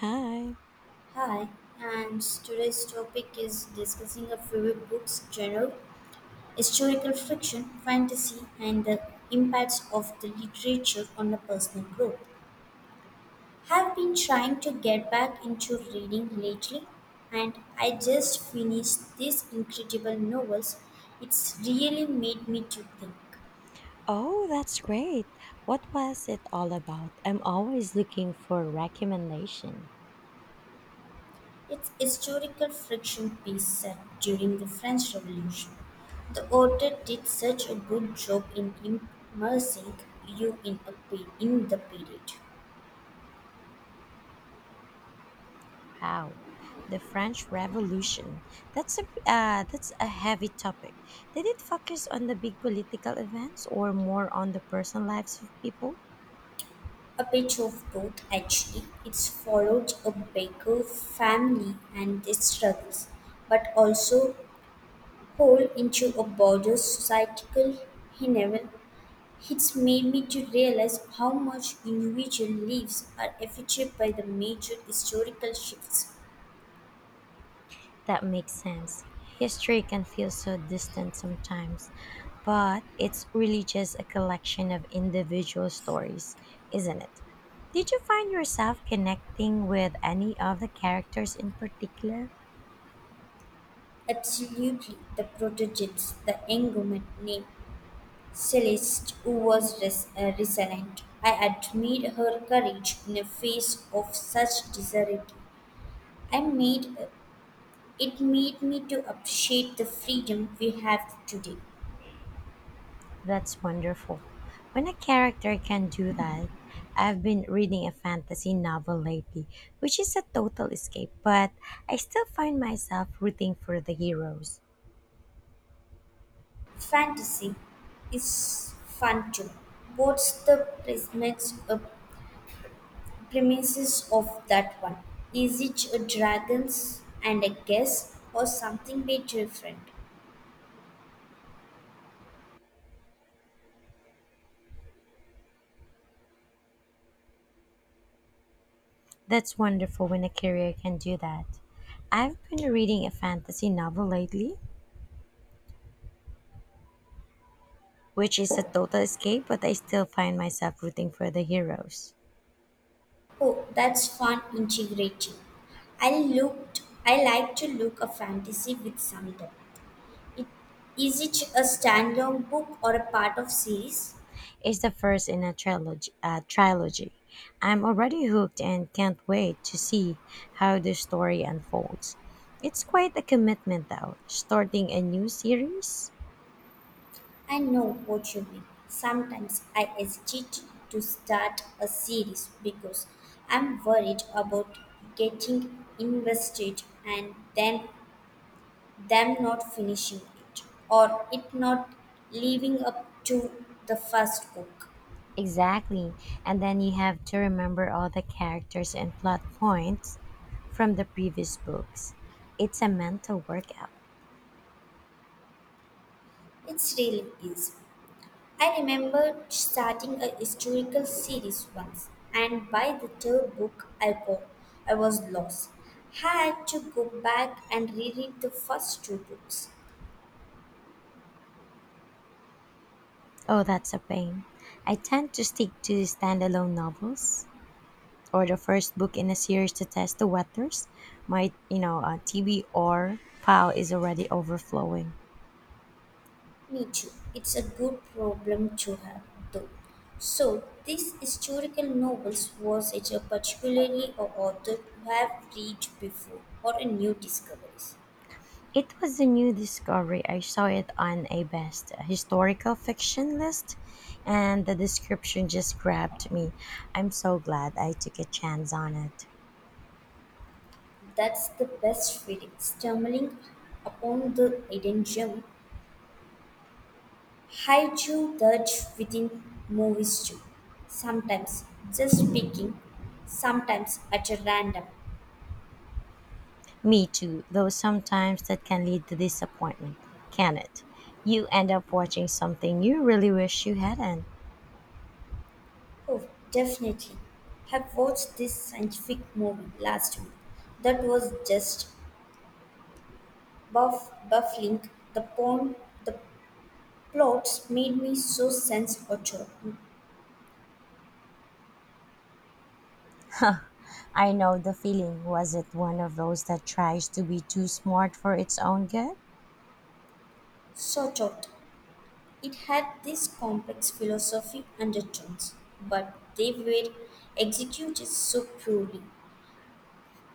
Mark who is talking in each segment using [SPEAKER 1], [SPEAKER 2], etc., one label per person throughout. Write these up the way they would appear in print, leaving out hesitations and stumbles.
[SPEAKER 1] Hi.
[SPEAKER 2] Hi, and today's topic is discussing our favorite books genre, historical fiction, fantasy, and the impacts of the literature on the personal growth. Have been trying to get back into reading lately, and I just finished these incredible novels. It's really made me to think.
[SPEAKER 1] Oh, that's great. What was it all about? I'm always looking for recommendation.
[SPEAKER 2] Its historical friction piece set during the French Revolution. The author did such a good job in immersing you in, in the period.
[SPEAKER 1] Wow. The French Revolution. That's a heavy topic. Did it focus on the big political events or more on the personal lives of people?
[SPEAKER 2] A bit of both, actually. It's followed a baker family and their struggles, but also hole into a broader societal level. It's made me to realize how much individual lives are affected by the major historical shifts.
[SPEAKER 1] That makes sense. History can feel so distant sometimes, but it's really just a collection of individual stories, isn't it? Did you find yourself connecting with any of the characters in particular?
[SPEAKER 2] Absolutely, the protogens, the young woman named Celeste, who was resilient. I admired her courage in the face of such disarray, and made it made me to appreciate the freedom we have today.
[SPEAKER 1] That's wonderful. When a character can do that, I've been reading a fantasy novel lately, which is a total escape, but I still find myself rooting for the heroes.
[SPEAKER 2] Fantasy is fun too. What's the premises of that one? Is it a dragons and a guess, or something bit different?
[SPEAKER 1] That's wonderful when a career can do that. I've been reading a fantasy novel lately, which is a total escape, but I still find myself rooting for the heroes.
[SPEAKER 2] Oh, that's fun integrating. I like to look a fantasy with some depth. It, is it a standalone book or a part of series?
[SPEAKER 1] It's the first in a trilogy. I'm already hooked and can't wait to see how the story unfolds. It's quite a commitment, though, starting a new series.
[SPEAKER 2] I know what you mean. Sometimes I hesitate to start a series because I'm worried about getting invested and then them not finishing it or it not living up to the first book.
[SPEAKER 1] Exactly. And then you have to remember all the characters and plot points from the previous books. It's a mental workout.
[SPEAKER 2] It's really easy. I remember starting a historical series once, and by the third book, I was lost. Had to go back and reread the first two books.
[SPEAKER 1] Oh, that's a pain. I tend to stick to standalone novels or the first book in a series to test the waters. My TV or pile is already overflowing.
[SPEAKER 2] Me too. It's a good problem to have, though. So, these historical novels was it a particularly a author you have read before or a new discoveries?
[SPEAKER 1] It was a new discovery. I saw it on a best historical fiction list, and the description just grabbed me. I'm so glad I took a chance on it.
[SPEAKER 2] That's the best feeling, stumbling upon the hidden gem. I do that within movies too. Sometimes just picking, sometimes at a random.
[SPEAKER 1] Me too, though sometimes that can lead to disappointment, can it? You end up watching something you really wish you hadn't.
[SPEAKER 2] Oh, definitely. Have watched this scientific movie last week. That was just buff baffling. The plots made me so sense out
[SPEAKER 1] I know the feeling. Was it one of those that tries to be too smart for its own good?
[SPEAKER 2] sort out. It had this complex philosophy undertones, but they were executed so poorly.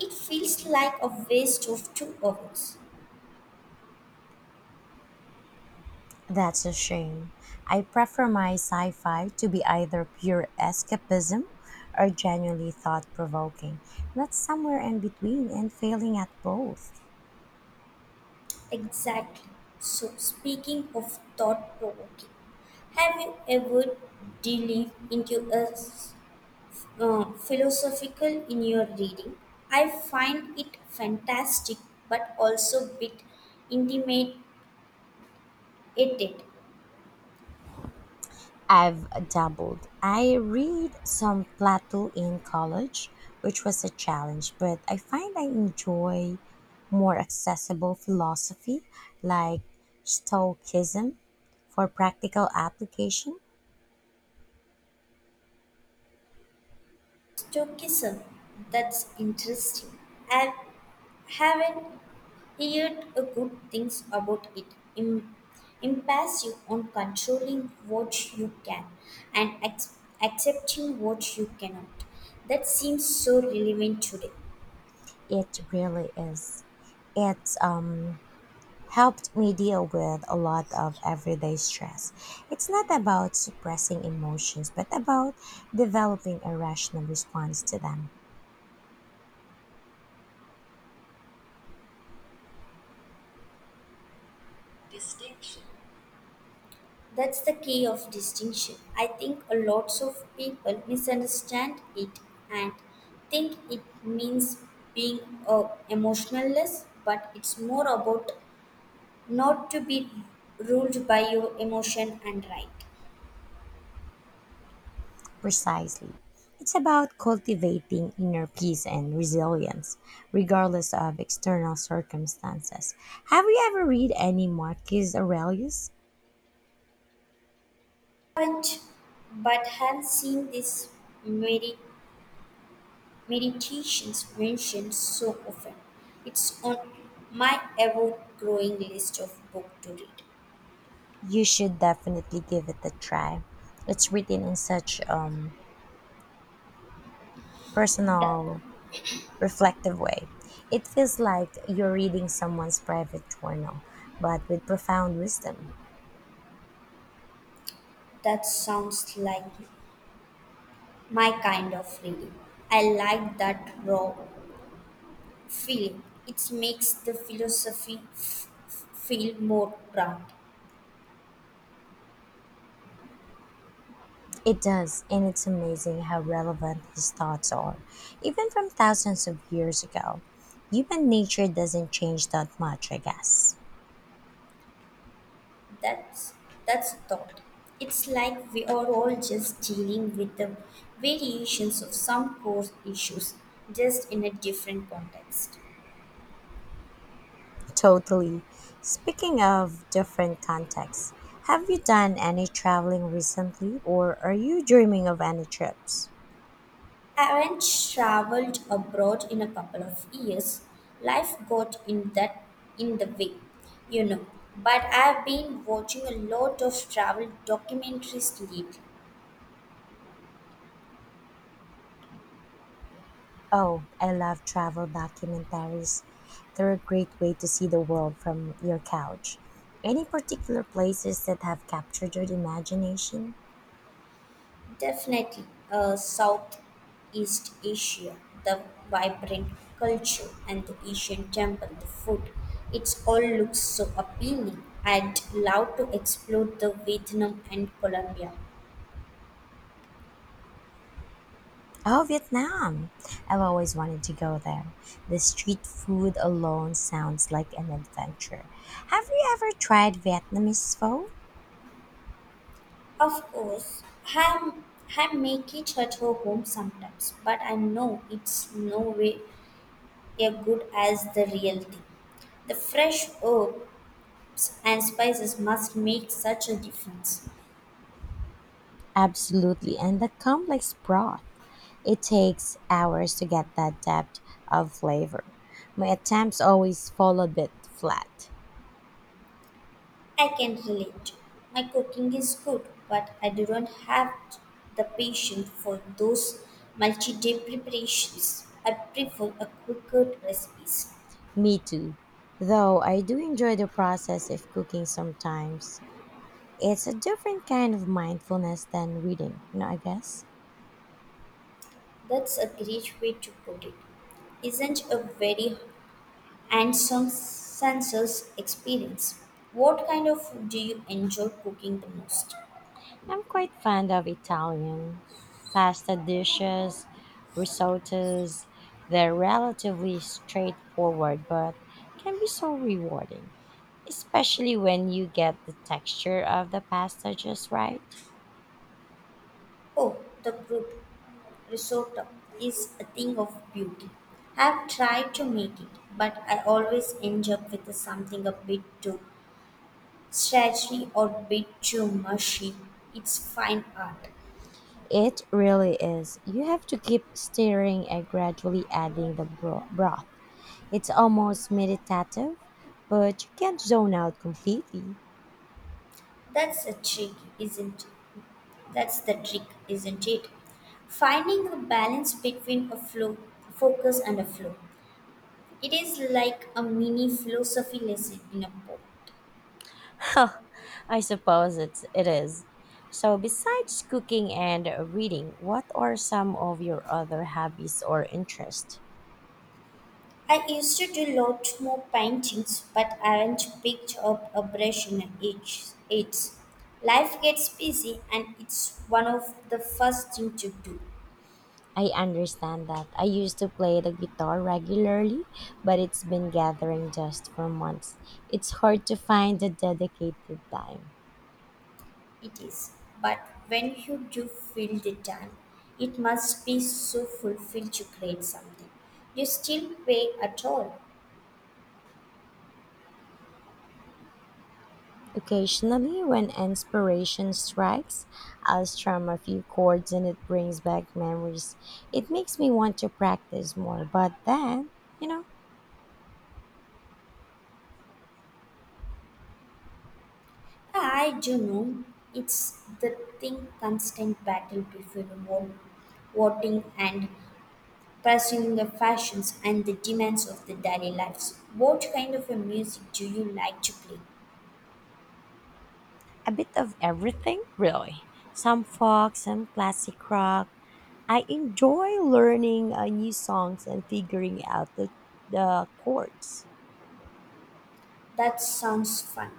[SPEAKER 2] It feels like a waste of 2 hours.
[SPEAKER 1] That's a shame. I prefer my sci fi to be either pure escapism or genuinely thought provoking, not somewhere in between and failing at both.
[SPEAKER 2] Exactly. So, speaking of thought provoking, have you ever delved into a philosophical in your reading? I find it fantastic but also a bit intimidated.
[SPEAKER 1] I've dabbled. I read some Plato in college, which was a challenge, but I find I enjoy more accessible philosophy like Stoicism for practical application.
[SPEAKER 2] Stoicism, that's interesting. Have Haven't heard a good things about it. Im- impassive on controlling what you can and accepting what you cannot. That seems so relevant today.
[SPEAKER 1] It really is. It's helped me deal with a lot of everyday stress. It's not about suppressing emotions, but about developing a rational response to them.
[SPEAKER 2] Distinction. That's the key of distinction. I think a lots of people misunderstand it and think it means being emotionless, but it's more about not to be ruled by your emotion and right.
[SPEAKER 1] Precisely. It's about cultivating inner peace and resilience, regardless of external circumstances. Have you ever read any Marcus Aurelius?
[SPEAKER 2] Haven't, but have seen this medi- meditations mentioned so often. It's on my ever-growing list of book to read.
[SPEAKER 1] You should definitely give it a try. It's written in such
[SPEAKER 2] That,
[SPEAKER 1] personal reflective way. It feels like you're reading someone's private journal, but with profound wisdom.
[SPEAKER 2] that sounds like my kind of reading. I like that raw feeling. It makes the philosophy feel more grounded.
[SPEAKER 1] It does, and it's amazing how relevant his thoughts are, even from thousands of years ago. Human nature doesn't change that much, I guess.
[SPEAKER 2] That's that's a thought. It's like we are all just dealing with the variations of some core issues, just in a different context.
[SPEAKER 1] Totally. Speaking of different contexts, have you done any traveling recently, or are you dreaming of any trips?
[SPEAKER 2] I haven't traveled abroad in a couple of years. Life got in that in the way, you know. But I've been watching a lot of travel documentaries lately.
[SPEAKER 1] Oh, I love travel documentaries. They're a great way to see the world from your couch. Any particular places that have captured your imagination?
[SPEAKER 2] Definitely, Southeast Asia, the vibrant culture and the Asian temple, the food, it all looks so appealing. I'd love to explore the Vietnam and Colombia.
[SPEAKER 1] Oh, Vietnam! I've always wanted to go there. The street food alone sounds like an adventure. Have you ever tried Vietnamese pho?
[SPEAKER 2] Of course, I I make it at her home sometimes, but I know it's no way as good as the real thing. The fresh herbs and spices must make such a difference.
[SPEAKER 1] Absolutely, and the complex broth. It takes hours to get that depth of flavor. My attempts always fall a bit flat.
[SPEAKER 2] I can relate. My cooking is good, but I do not have the patience for those multi day preparations. I prefer a quicker recipes.
[SPEAKER 1] Me too. Though I do enjoy the process of cooking sometimes. It's a different kind of mindfulness than reading, you know, I guess.
[SPEAKER 2] That's a great way to put it. Isn't a very handsome senses experience. What kind of food do you enjoy cooking the most?
[SPEAKER 1] I'm quite fond of Italian pasta dishes, risottos. They're relatively straightforward but can be so rewarding, especially when you get the texture of the pasta just right.
[SPEAKER 2] Oh, the group. Risotto is a thing of beauty. I've tried to make it, but I always end up with something a bit too stretchy or a bit too mushy. It's fine art.
[SPEAKER 1] It really is. You have to keep stirring and gradually adding the broth. It's almost meditative, but you can't zone out completely.
[SPEAKER 2] That's a trick, isn't it? That's the trick, isn't it? Finding a balance between a flow, focus and a flow. It is like a mini philosophy lesson in a book.
[SPEAKER 1] Huh, I suppose it is. So, besides cooking and reading, what are some of your other hobbies or interests?
[SPEAKER 2] I used to do lot more paintings, but I haven't picked up a brush in age. It's life gets busy, and it's one of the first thing to do.
[SPEAKER 1] I understand that. I used to play the guitar regularly, but it's been gathering dust for months. It's hard to find the dedicated time.
[SPEAKER 2] It is, but when you do feel the time, it must be so fulfilled to create something. You still pay at all?
[SPEAKER 1] Occasionally, when inspiration strikes, I'll strum a few chords and it brings back memories. It makes me want to practice more, but then, you know,
[SPEAKER 2] I do know. It's the thing constant battle between one wanting and pursuing the fashions and the demands of the daily lives. What kind of a music do you like to play?
[SPEAKER 1] a bit of everything, really. Some folk, some classic rock. I enjoy learning new songs and figuring out the chords.
[SPEAKER 2] That sounds fun.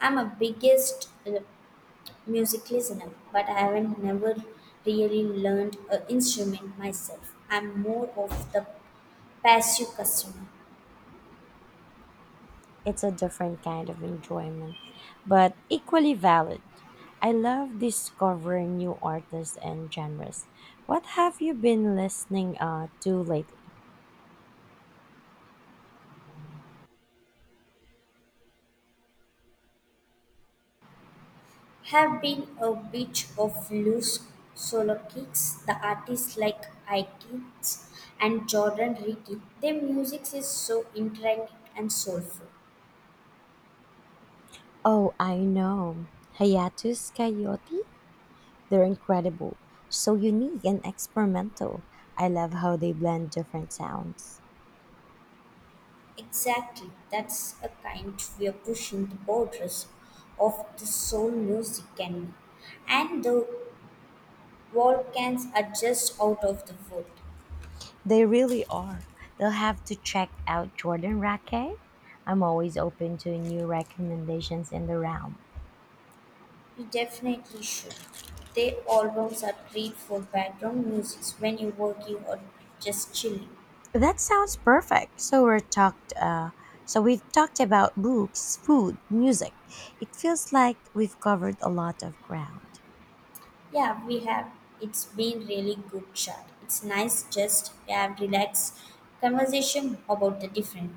[SPEAKER 2] I'm a biggest music listener, but I haven't never really learned an instrument myself. I'm more of the passive customer.
[SPEAKER 1] It's a different kind of enjoyment, but equally valid. I love discovering new artists and genres. What have you been listening to lately?
[SPEAKER 2] Have been a bit of loose solo kicks. The artists like Ike's and Jordan Ricky, their music is so intricate and soulful.
[SPEAKER 1] Oh, I know. Hayatus Coyote? They're incredible. So unique and experimental. I love how they blend different sounds.
[SPEAKER 2] Exactly. That's a kind we're pushing the borders of the soul music can be. And the Volcans are just out of the wood.
[SPEAKER 1] They really are. They'll have to check out Jordan Raquet. I'm always open to new recommendations in the realm.
[SPEAKER 2] You definitely should. Their albums are great for background music when you're working or just chilling.
[SPEAKER 1] That sounds perfect. So we've talked about books, food, music. It feels like we've covered a lot of ground.
[SPEAKER 2] Yeah, we have. It's been really good chat. It's nice just to have relaxed conversation about the different